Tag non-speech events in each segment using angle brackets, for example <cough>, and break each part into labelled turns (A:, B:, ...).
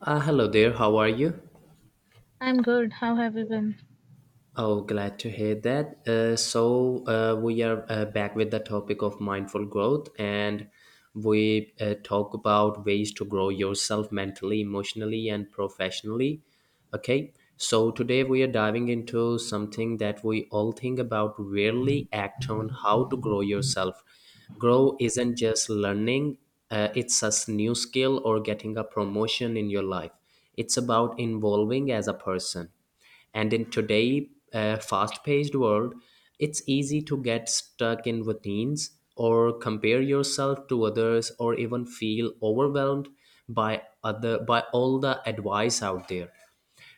A: Hello there, how are you?
B: I'm good. How have you been?
A: Oh, glad to hear that. We are back with the topic of mindful growth, and we talk about ways to grow yourself mentally, emotionally, and professionally. Okay, so today we are diving into something that we all think about, rarely act on how to grow yourself. Grow isn't just learning, it's a new skill or getting a promotion in your life, it's about evolving as a person. And in today, fast paced world, it's easy to get stuck in routines or compare yourself to others or even feel overwhelmed by all the advice out there.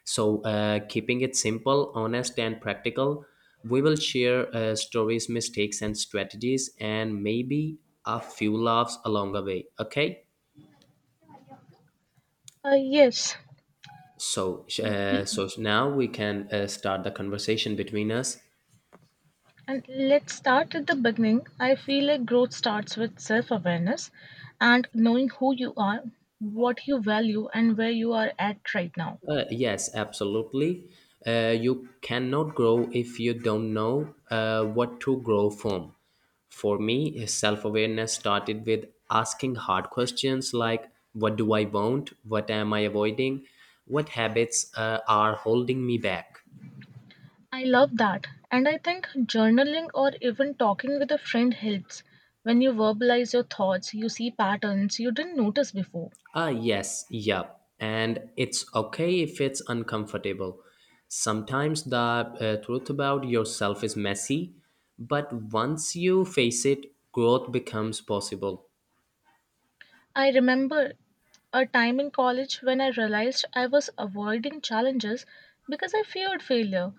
A: So, keeping it simple, honest and practical, we will share stories, mistakes and strategies and maybe a few laughs along the way. Okay,
B: Yes.
A: so now we can start the conversation between us.
B: And let's start at the beginning. I feel like growth starts with self awareness and knowing who you are, what you value, and where you are at right now.
A: Yes, absolutely. You cannot grow if you don't know what to grow from. For me, self awareness started with asking hard questions like, what do I want? What am I avoiding? What habits are holding me back?
B: I love that. And I think journaling or even talking with a friend helps. When you verbalize your thoughts, you see patterns you didn't notice before.
A: Ah, yes, yep. And it's okay if it's uncomfortable. Sometimes the truth about yourself is messy, but once you face it, growth becomes possible.
B: I remember a time in college when I realized I was avoiding challenges because I feared failure.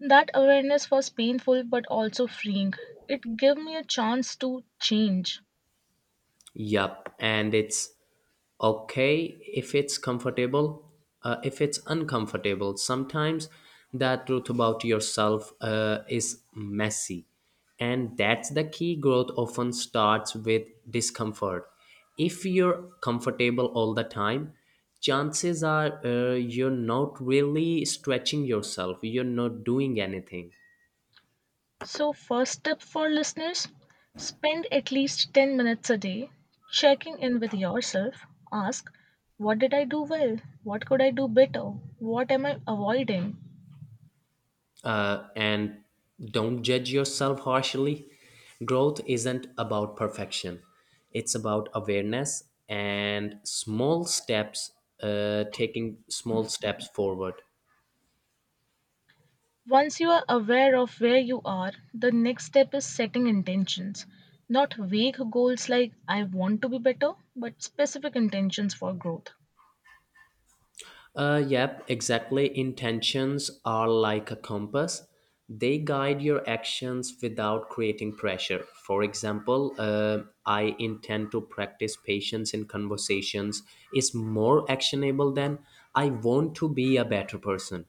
B: That awareness was painful but also freeing. It gave me a chance to change.
A: Yup, and it's okay if it's comfortable, if it's uncomfortable. Sometimes that truth about yourself is messy, and that's the key. Growth often starts with discomfort. If you're comfortable all the time, chances are, you're not really stretching yourself, you're not doing anything.
B: So, first tip for listeners, spend at least 10 minutes a day checking in with yourself. Ask, what did I do well? What could I do better? What am I avoiding?
A: And don't judge yourself harshly. Growth isn't about perfection, it's about awareness and small steps, taking small steps forward.
B: Once you are aware of where you are, the next step is setting intentions. Not vague goals like I want to be better, but specific intentions for growth.
A: Yep, exactly. Intentions are like a compass. They guide your actions without creating pressure. For example, I intend to practice patience in conversations is more actionable than I want to be a better person.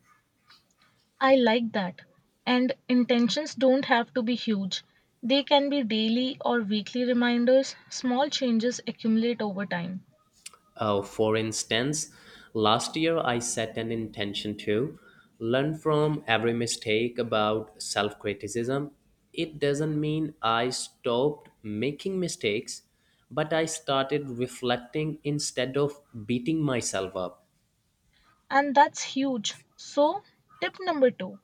B: I like that. And intentions don't have to be huge. They can be daily or weekly reminders. Small changes accumulate over time.
A: For instance, last year I set an intention to learn from every mistake about self criticism. It doesn't mean I stopped making mistakes, but I started reflecting instead of beating myself up.
B: And that's huge. So, tip number two,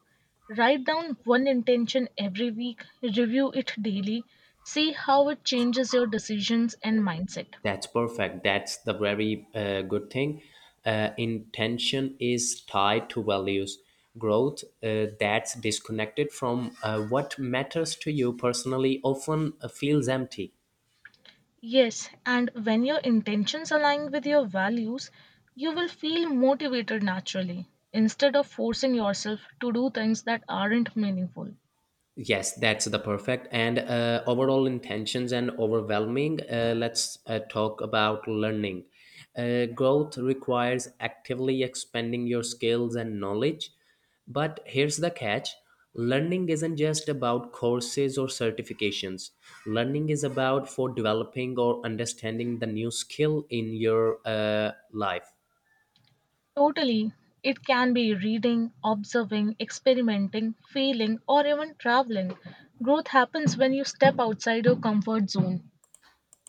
B: write down one intention every week, review it daily, see how it changes your decisions and mindset.
A: That's perfect. That's the very good thing. Intention is tied to values. Growth that's disconnected from what matters to you personally often feels empty.
B: Yes, and when your intentions align with your values, you will feel motivated naturally instead of forcing yourself to do things that aren't meaningful.
A: Yes, that's the perfect and overall intentions and overwhelming. Let's talk about learning. Growth requires actively expanding your skills and knowledge. But here's the catch, learning isn't just about courses or certifications. Learning is about for developing or understanding the new skill in your life.
B: Totally, it can be reading, observing, experimenting, failing, or even traveling. Growth happens when you step outside your comfort zone.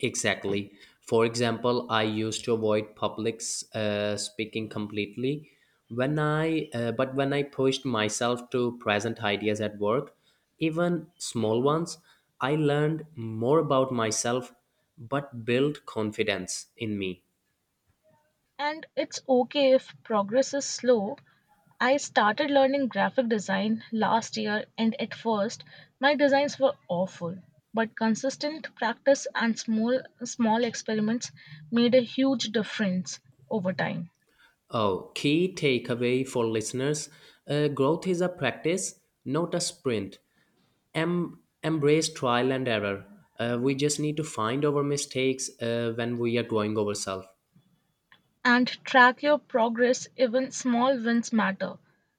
A: Exactly. For example, I used to avoid public speaking completely. But when I pushed myself to present ideas at work, even small ones, I learned more about myself, but built confidence in me.
B: And it's okay if progress is slow. I started learning graphic design last year, and at first, my designs were awful. But consistent practice and small, small experiments made a huge difference over time.
A: Oh, key takeaway for listeners: growth is a practice, not a sprint. Embrace trial and error. We just need to find our mistakes when we are growing ourselves.
B: And track your progress, even small wins matter.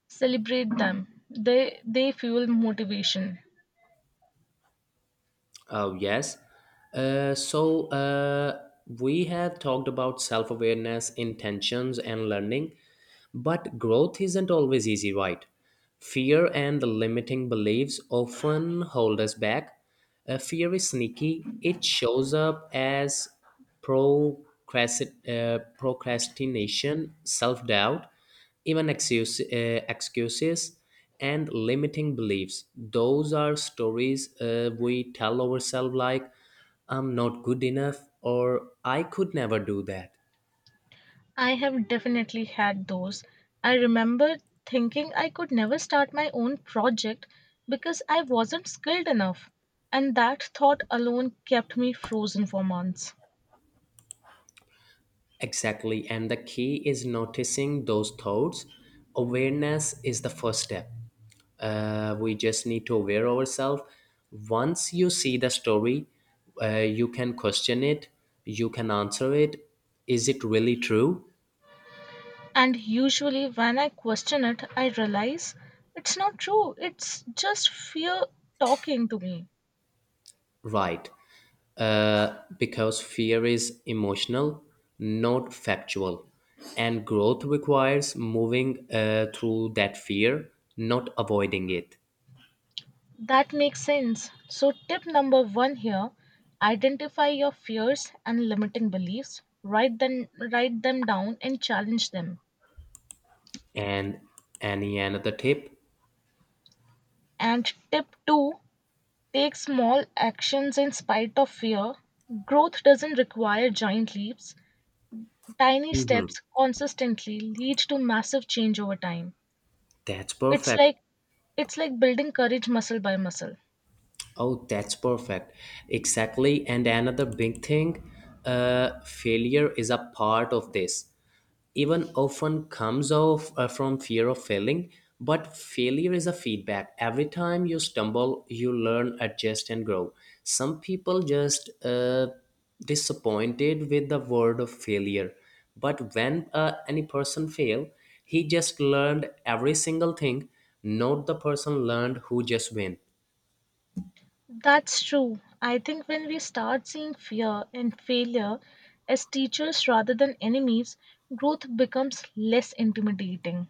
B: Celebrate them, they fuel motivation.
A: Oh, yes. Uh, so uh, we have talked about self awareness, intentions, and learning, but growth isn't always easy, right? Fear and the limiting beliefs often hold us back. Fear is sneaky, it shows up as procrastination, self doubt, even excuses. And limiting beliefs, those are stories we tell ourselves, like I'm not good enough or I could never do that.
B: I have definitely had those. I remember thinking I could never start my own project because I wasn't skilled enough, and that thought alone kept me frozen for months.
A: Exactly. And the key is noticing those thoughts. Awareness is the first step. We just need to aware ourselves. Once you see the story, uh, you can question it, you can answer it. Is it really true?
B: And usually, when I question it, I realize it's not true, it's just fear talking to me.
A: Right. Uh, because fear is emotional, not factual. And growth requires moving through that fear, not avoiding it.
B: That makes sense. So, tip number one here, identify your fears and limiting beliefs, write them down, and challenge them.
A: And any another tip?
B: And tip two, take small actions in spite of fear. Growth doesn't require giant leaps. Tiny
A: Mhm.
B: steps consistently lead to massive change over time.
A: That's
B: It's
A: perfect.
B: like it's like building courage muscle by muscle.
A: Oh, that's perfect. Exactly. And another big thing, uh, failure is a part of this. Even often comes off from fear of failing. But failure is a feedback. Every time you stumble you learn, adjust and grow. Some people just disappointed with the word of failure. But when any person fail, he just learned every single thing, not the person learned who just win.
B: That's true. I think when we start seeing fear and failure as teachers rather than enemies, growth becomes less intimidating.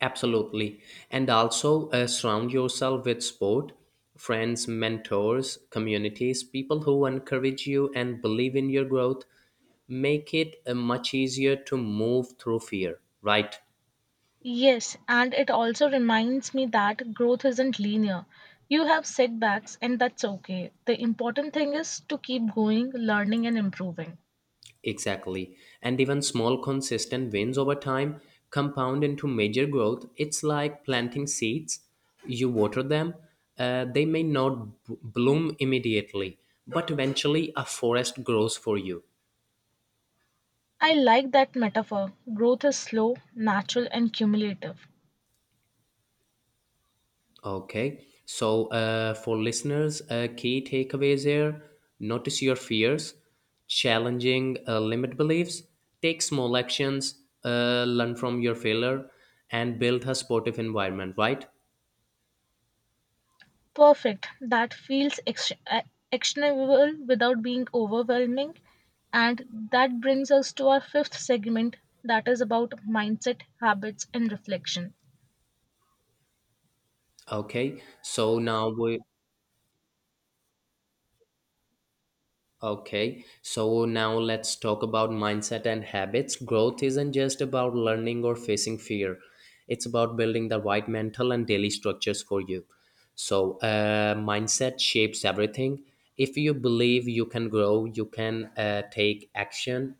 A: Absolutely. And also surround yourself with sport, friends, mentors, communities, people who encourage you and believe in your growth. Make it much easier to move through fear, right.
B: Yes, and it also reminds me that growth isn't linear. You have setbacks, and that's okay. The important thing is to keep going, learning, and improving.
A: Exactly. And even small, consistent wins over time compound into major growth. It's like planting seeds. You water them, they may not bloom immediately, but eventually a forest grows for you.
B: I like that metaphor. Growth is slow, natural, and cumulative.
A: Okay. So, for listeners, key takeaways here: notice your fears, challenging limit beliefs, take small actions, learn from your failure, and build a supportive environment, right?
B: Perfect. That feels actionable without being overwhelming. And that brings us to our fifth segment, that is about mindset, habits, and reflection.
A: Okay. So, now we Okay, so now let's talk about mindset and habits. Growth isn't just about learning or facing fear, it's about building the right mental and daily structures for you. So, mindset shapes everything. If you believe you can grow, you can take action.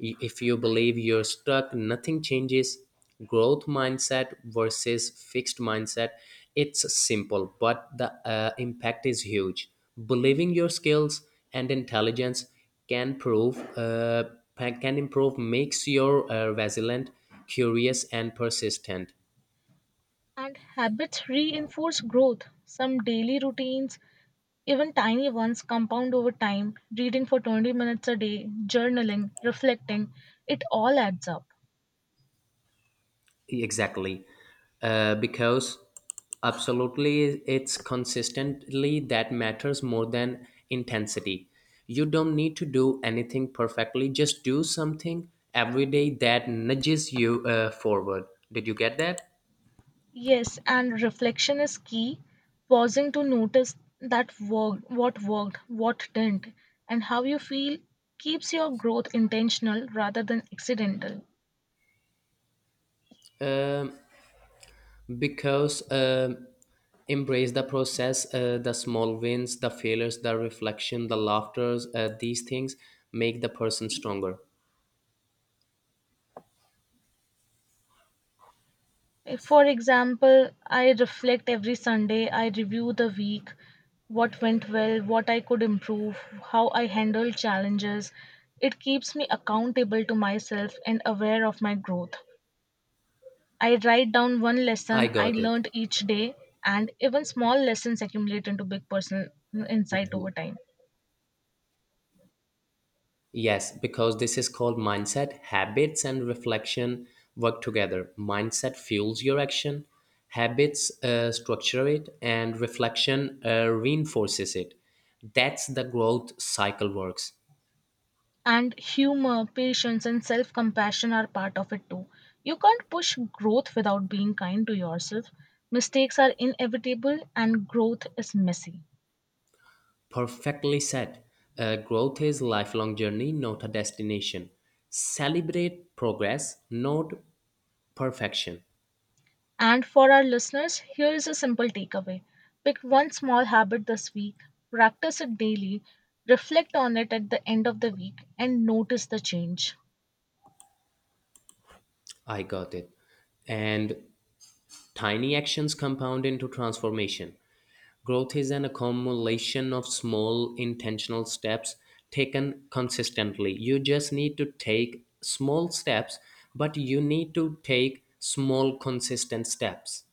A: If you believe you're stuck, nothing changes. Growth mindset versus fixed mindset. It's simple, but the impact is huge. Believing your skills and intelligence can prove uh, can improve makes you resilient, curious, and persistent.
B: And habits reinforce growth. Some daily routines, even tiny ones compound over time. Reading for 20 minutes a day, journaling, reflecting, it all adds up.
A: Exactly. Because absolutely it's consistently that matters more than intensity. You don't need to do anything perfectly, just do something every day that nudges you forward. Did you get that?
B: Yes, and reflection is key. Pausing to notice what worked, what didn't, and how you feel keeps your growth intentional rather than accidental.
A: Um, because embrace the process, the small wins, the failures, the reflection, the laughters, these things make the person stronger.
B: For example, I reflect every Sunday, I review the week, what went well, what I could improve, how I handled challenges. It keeps me accountable to myself and aware of my growth. I write down one
A: I
B: lesson I
A: got it.
B: learned each day, and even small lessons accumulate into big personal insight over time.
A: Yes, because this is called mindset. Habits and reflection work together. Mindset fuels your action, habits structure it, and reflection reinforces it. That's the growth cycle works.
B: And humor, patience, and self compassion are part of it too. You can't push growth without being kind to yourself. Mistakes are inevitable, and growth is messy.
A: Perfectly said. Growth is lifelong journey, not a destination. Celebrate progress, not perfection.
B: And for our listeners, here is a simple takeaway: pick one small habit this week, practice it daily, reflect on it at the end of the week, and notice the change.
A: I got it. And tiny actions compound into transformation. Growth is an accumulation of small intentional steps taken consistently. You just need to take small steps, but you need to take small consistent steps.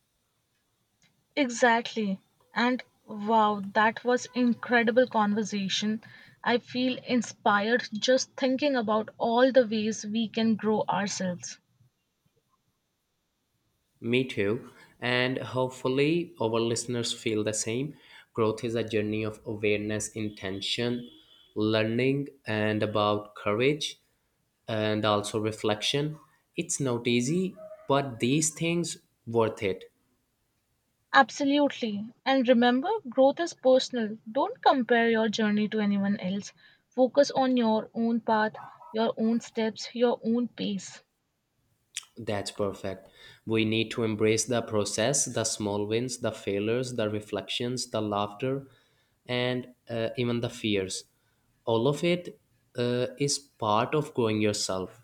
B: Exactly. And wow, that was incredible conversation. I feel inspired just thinking about all the ways we can grow ourselves.
A: Me too. And hopefully, our listeners feel the same. Growth is a journey of awareness, intention, learning, and about courage and also reflection. It's not easy, but these things worth it.
B: Absolutely. And remember, growth is personal. Don't compare your journey to anyone else. Focus on your own path, your own steps, your own pace.
A: That's perfect. We need to embrace the process, the small wins, the failures, the reflections, the laughter, and even the fears. All of it is part of growing yourself.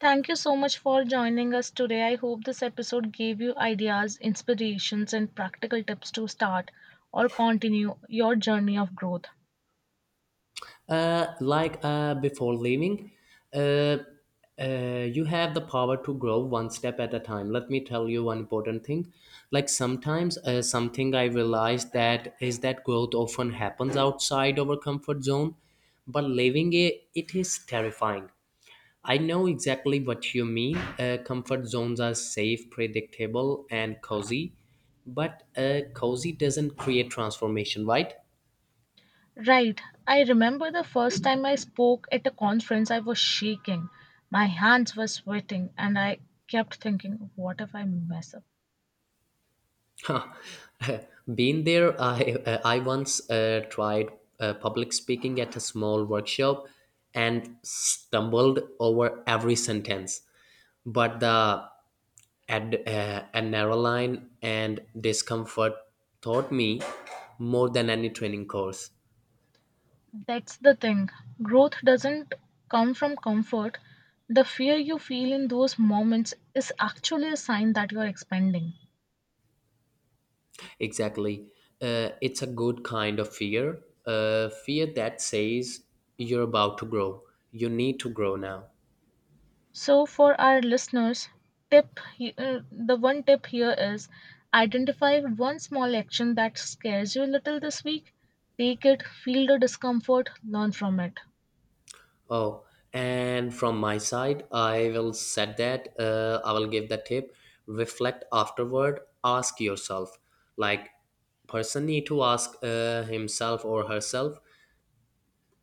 B: Thank you so much for joining us today. I hope this episode gave you ideas, inspirations, and practical tips to start or continue your journey of growth.
A: Like, before leaving, uh, you have the power to grow one step at a time. Let me tell you one important thing. Like sometimes, something I realized that is that growth often happens outside our comfort zone, but leaving it, it is terrifying. I know exactly what you mean. Comfort zones are safe, predictable, and cozy, but cozy doesn't create transformation, right?
B: Right, I remember the first time I spoke at a conference, I was shaking. My hands were sweating, and I kept thinking, what if I mess up?
A: <laughs> Been there. I once tried public speaking at a small workshop and stumbled over every sentence. But the adrenaline and discomfort taught me more than any training course.
B: That's the thing. Growth doesn't come from comfort. The fear you feel in those moments is actually a sign that you're expanding.
A: Exactly. It's a good kind of fear. Fear that says you're about to grow. You need to grow now.
B: So, for our listeners, the one tip here is identify one small action that scares you a little this week. Take it, feel the discomfort, learn from it.
A: Oh, and from my side, I will set that. I will give the tip. Reflect afterward. Ask yourself, like, person need to ask himself or herself,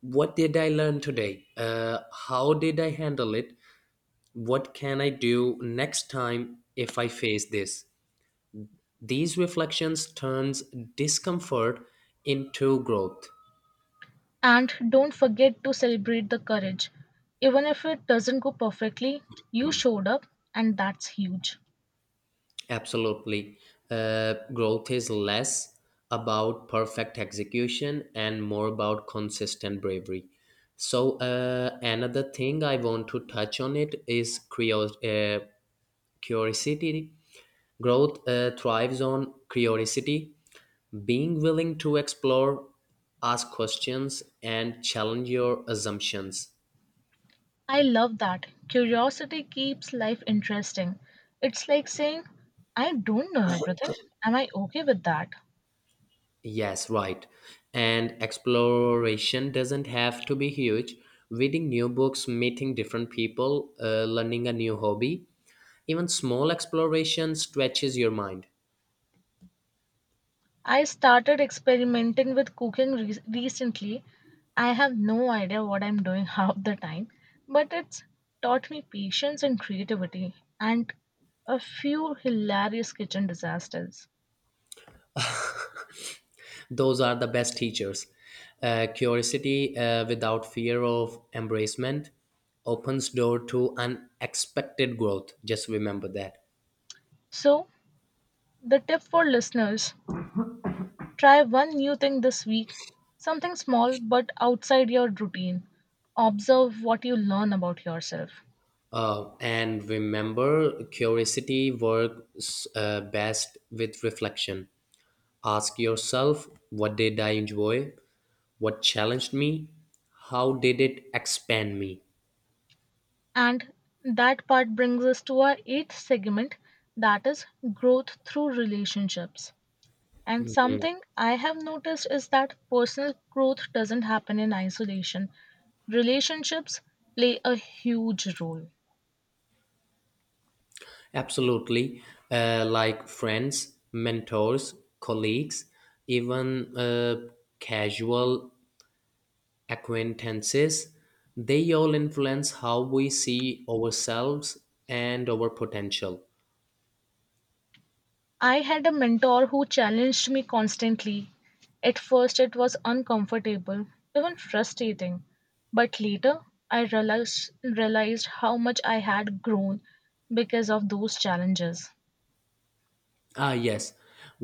A: what did I learn today? How did I handle it? What can I do next time if I face this? These reflections turns discomfort into growth.
B: And don't forget to celebrate the courage. Even if it doesn't go perfectly, you showed up, and that's huge.
A: Absolutely. Growth is less about perfect execution and more about consistent bravery. So, another thing I want to touch on it is curiosity. Growth thrives on curiosity, being willing to explore, ask questions, and challenge your assumptions.
B: I love that. Curiosity keeps life interesting. It's like saying, I don't know everything. Am I okay with that?
A: Yes, right. And exploration doesn't have to be huge. Reading new books, meeting different people, learning a new hobby, even small exploration stretches your mind.
B: I started experimenting with recently. I have no idea what I'm doing <laughs> half the time, but it's taught me patience and creativity and a few hilarious kitchen disasters.
A: Those are the best teachers. Curiosity without fear of embracement opens door to unexpected growth. Just remember that.
B: So, the tip for listeners: try one new thing this week, something small but outside your routine. Observe what you learn about yourself.
A: And remember, curiosity works best with reflection. Ask yourself, what did I enjoy? What challenged me? How did it expand me?
B: And that part brings us to our eighth segment, that is growth through relationships. And something I have noticed is that personal growth doesn't happen in isolation. Relationships play a huge role.
A: Absolutely. Like friends, mentors, colleagues, even casual acquaintances, they all influence how we see ourselves and our potential.
B: I had a mentor who challenged me constantly. At first, it was uncomfortable, even frustrating. But later, realized how much I had grown because of those challenges.
A: Ah, yes.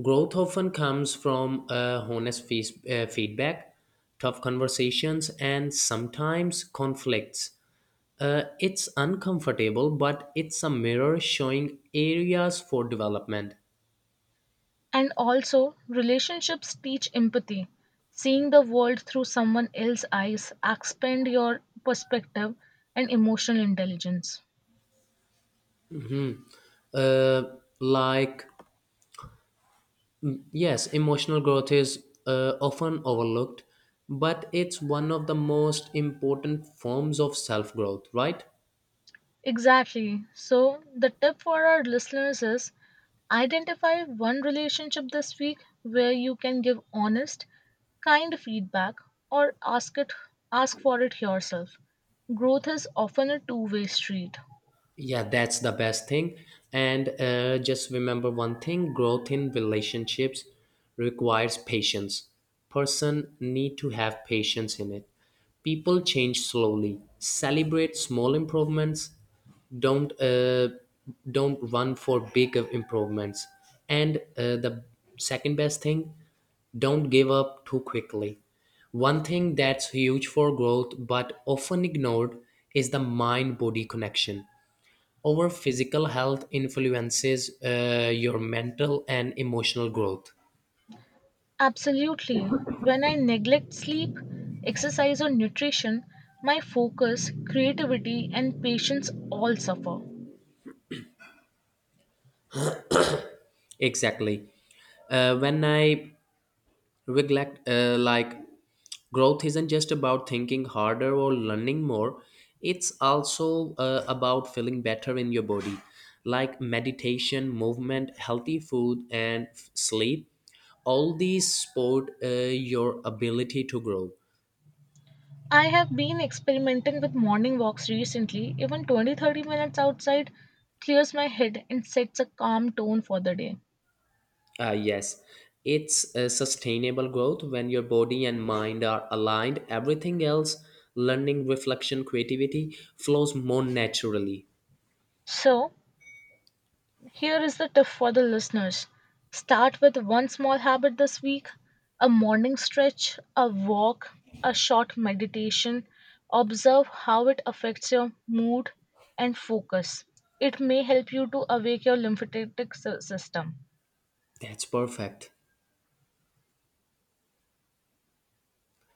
A: Growth often comes from honest feedback, tough conversations, and sometimes conflicts. It's uncomfortable, but it's a mirror showing areas for development.
B: And also, relationships teach empathy. Seeing the world through someone else's eyes expand your perspective and emotional intelligence.
A: Uh, like, yes, emotional growth is often overlooked, but it's one of the most important forms of self growth, right?
B: Exactly. So, the tip for our listeners is identify one relationship this week where you can give honest, kind feedback, or ask it ask for it yourself. Growth is often a two-way street.
A: Yeah, that's the best thing. And just remember one thing, growth in relationships requires patience. Person need to have patience in it. People change slowly. Celebrate small improvements. Don't uh, don't run for big improvements. And the second best thing, don't give up too quickly. One thing that's huge for growth but often ignored is the mind body connection. Over physical health influences your mental and emotional growth.
B: Absolutely. When I neglect sleep, exercise, or nutrition, my focus, creativity, and patience all suffer.
A: Exactly. When I neglect, like, Growth isn't just about thinking harder or learning more, it's also about feeling better in your body, like meditation, movement, healthy food, and sleep. All these support your ability to grow.
B: I have been experimenting with morning walks recently. Even 20, 30 minutes outside clears my head and sets a calm tone for the day.
A: Yes, it's a sustainable growth when your body and mind are aligned. Everything else, learning, reflection, creativity, flows more naturally.
B: So, here is the tip for the listeners: start with one small habit this week, a morning stretch, a walk, a short meditation. Observe how it affects your mood and focus. It may help you to awake your lymphatic system.
A: That's perfect.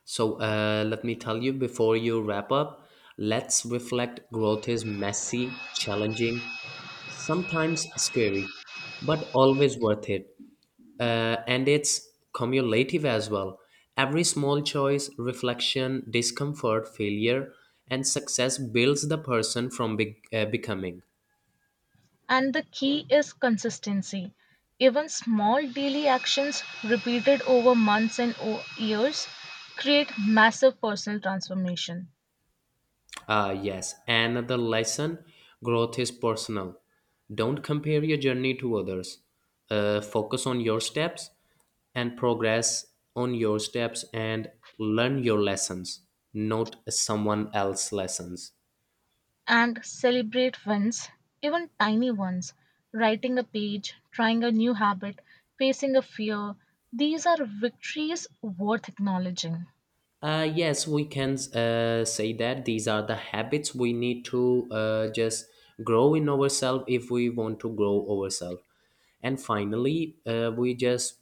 A: So, let me tell you before you wrap up, let's reflect, growth is messy, challenging, sometimes scary, but always worth it. And it's cumulative as well. Every small choice, reflection, discomfort, failure, and success builds the person from becoming.
B: And the key is consistency. Even small daily actions repeated over months and years create massive personal transformation.
A: Ah, yes. Another lesson, growth is personal. Don't compare your journey to others. Focus on your steps and progress on your steps and learn your lessons, not someone else's lessons.
B: And celebrate wins, even tiny ones. Writing a page, trying a new habit, facing a fear. These are victories worth acknowledging.
A: Yes, we can say that these are the habits we need to just grow in ourselves if we want to grow ourselves. And finally, we just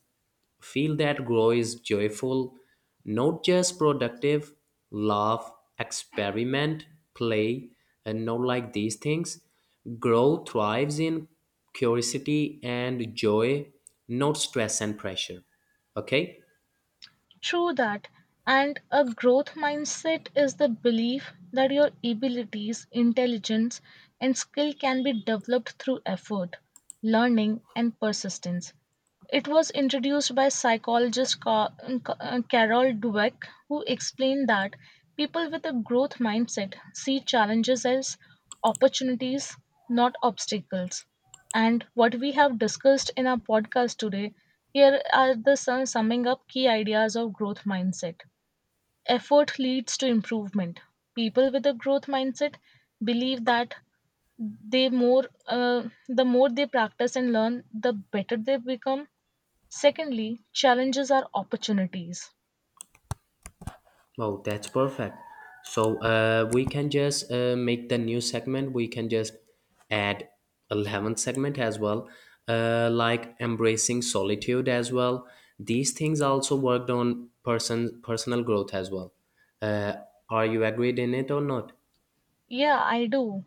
A: feel that grow is joyful, not just productive. Love, experiment, play, and not like these things. Grow thrives in curiosity and joy, not stress and pressure. Okay?
B: True that. And a growth mindset is the belief that your abilities, intelligence, and skill can be developed through effort, learning, and persistence. It was introduced by psychologist Carol Dweck, who explained that people with a growth mindset see challenges as opportunities, not obstacles. And what we have discussed in our podcast today, here are the summing up key ideas of growth mindset. Effort leads to improvement. People with a growth mindset believe that they more uh, the more they practice and learn, the better they become. Secondly, challenges are opportunities.
A: Wow, that's perfect. So we can just make the new segment. We can just add 11th segment as well, like embracing solitude as well. These things also worked on personal growth as well. Uh, are you agreed in it or not?
B: Yeah, I do.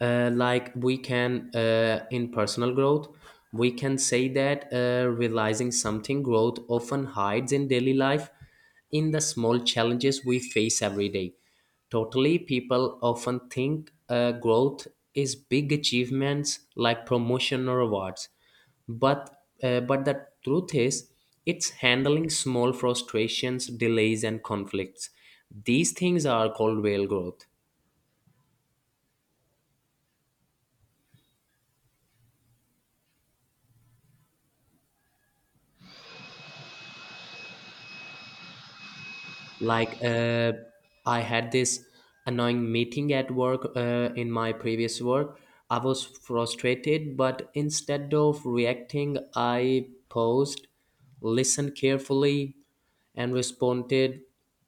A: Like we can in personal growth we can say that realizing something, growth often hides in daily life, in the small challenges we face every day. Totally, people often think growth is big achievements like promotion or awards, but the truth is it's handling small frustrations, delays, and conflicts. These things are called real growth. Like, I had this annoying meeting at work, in my previous work. I was frustrated, but instead of reacting, I paused, listened carefully, and responded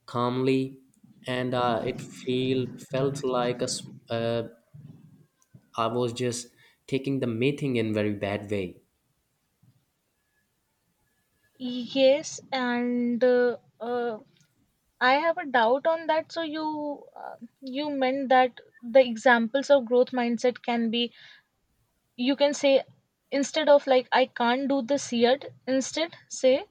A: calmly. And it feel felt like a s- I was just taking the meeting in very bad way.
B: Yes, and I have a doubt on that. So you meant that the examples of growth mindset can be, you can say, instead of like I can't do this yet, instead say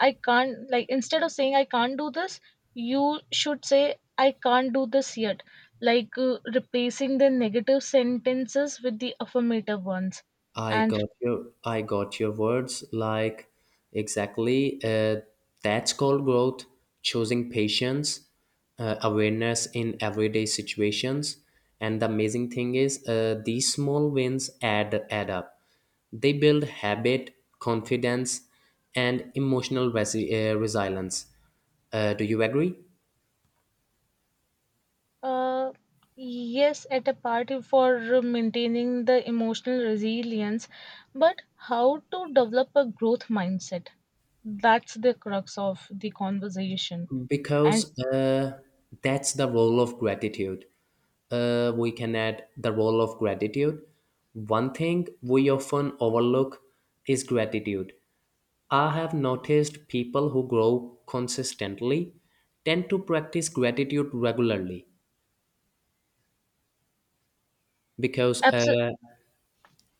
B: I can't like instead of saying I can't do this, you should say I can't do this yet. Like replacing the negative sentences with the affirmative ones.
A: I
B: And
A: got your I got your words, like, exactly. That's called growth, choosing patience, awareness in everyday situations. And the amazing thing is, these small wins add up. They build habit, confidence, and emotional resilience. Do you agree?
B: Uh, yes, at a party for maintaining the emotional resilience, but how to develop a growth mindset? That's the crux of the conversation. And
A: Because that's the role of gratitude. We can add the role of gratitude. One thing we often overlook is gratitude. I have noticed people who grow consistently tend to practice gratitude regularly because,
B: abso-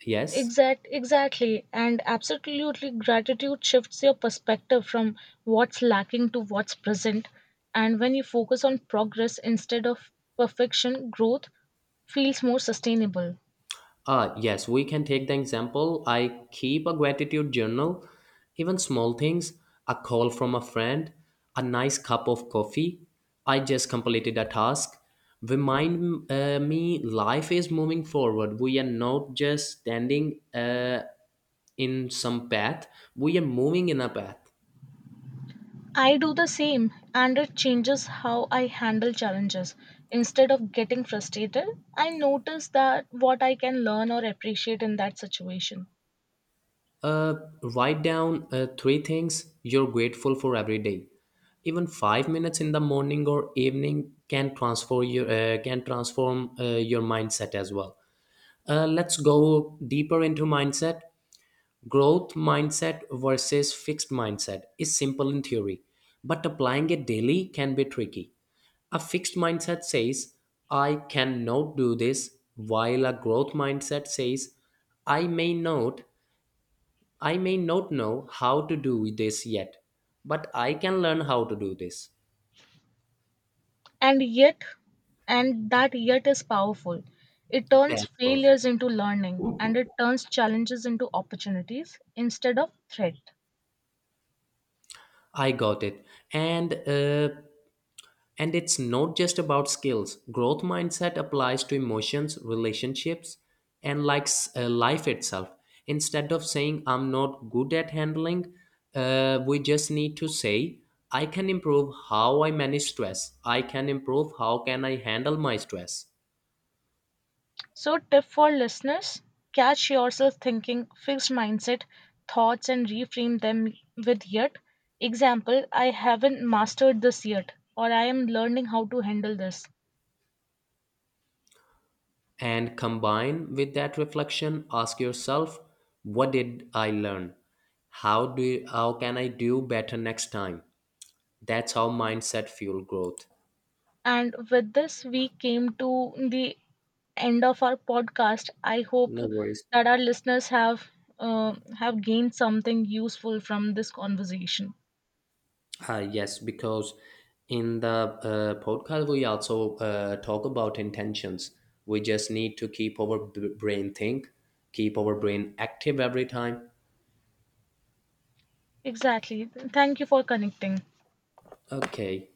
A: yes.
B: exact, exactly, and absolutely, gratitude shifts your perspective from what's lacking to what's present. And when you focus on progress instead of perfection, growth feels more sustainable.
A: Yes, we can take the example. I keep a gratitude journal, even small things, a call from a friend, a nice cup of coffee. I just completed a task. Remind me, life is moving forward. We are not just standing in some path, we are moving in a path.
B: I do the same, and it changes how I handle challenges. Instead of getting frustrated, I notice that what I can learn or appreciate in that situation.
A: Uh, Write down three things you're grateful for every day. Even 5 minutes in the morning or evening can transform your mindset as well. Let's go deeper into mindset. Growth mindset versus fixed mindset is simple in theory, but applying it daily can be tricky. A fixed mindset says, I cannot do this, while a growth mindset says, I may not, I may not know how to do this yet, but I can learn how to do this.
B: And yet, and that yet is powerful. It turns
A: That's perfect.
B: failures into learning and it turns challenges into opportunities instead of threat.
A: I got it. And uh, and it's not just about skills. Growth mindset applies to emotions, relationships, and life itself. Instead of saying I'm not good at handling, we just need to say, I can improve how I manage stress. I can improve how can I handle my stress.
B: So, tip for listeners: catch yourself thinking fixed mindset thoughts and reframe them with yet. Example, I haven't mastered this yet, or I am learning how to handle this.
A: And combine with that reflection, ask yourself, what did I learn? How can I do better next time? That's how mindset fuel growth.
B: And with this, we came to the end of our podcast. I hope
A: No worries.
B: that our listeners have gained something useful from this conversation.
A: Yes, because in the podcast we also talk about intentions. We just need to keep our brain think, keep our brain active every time.
B: Exactly. Thank you for connecting.
A: Okay.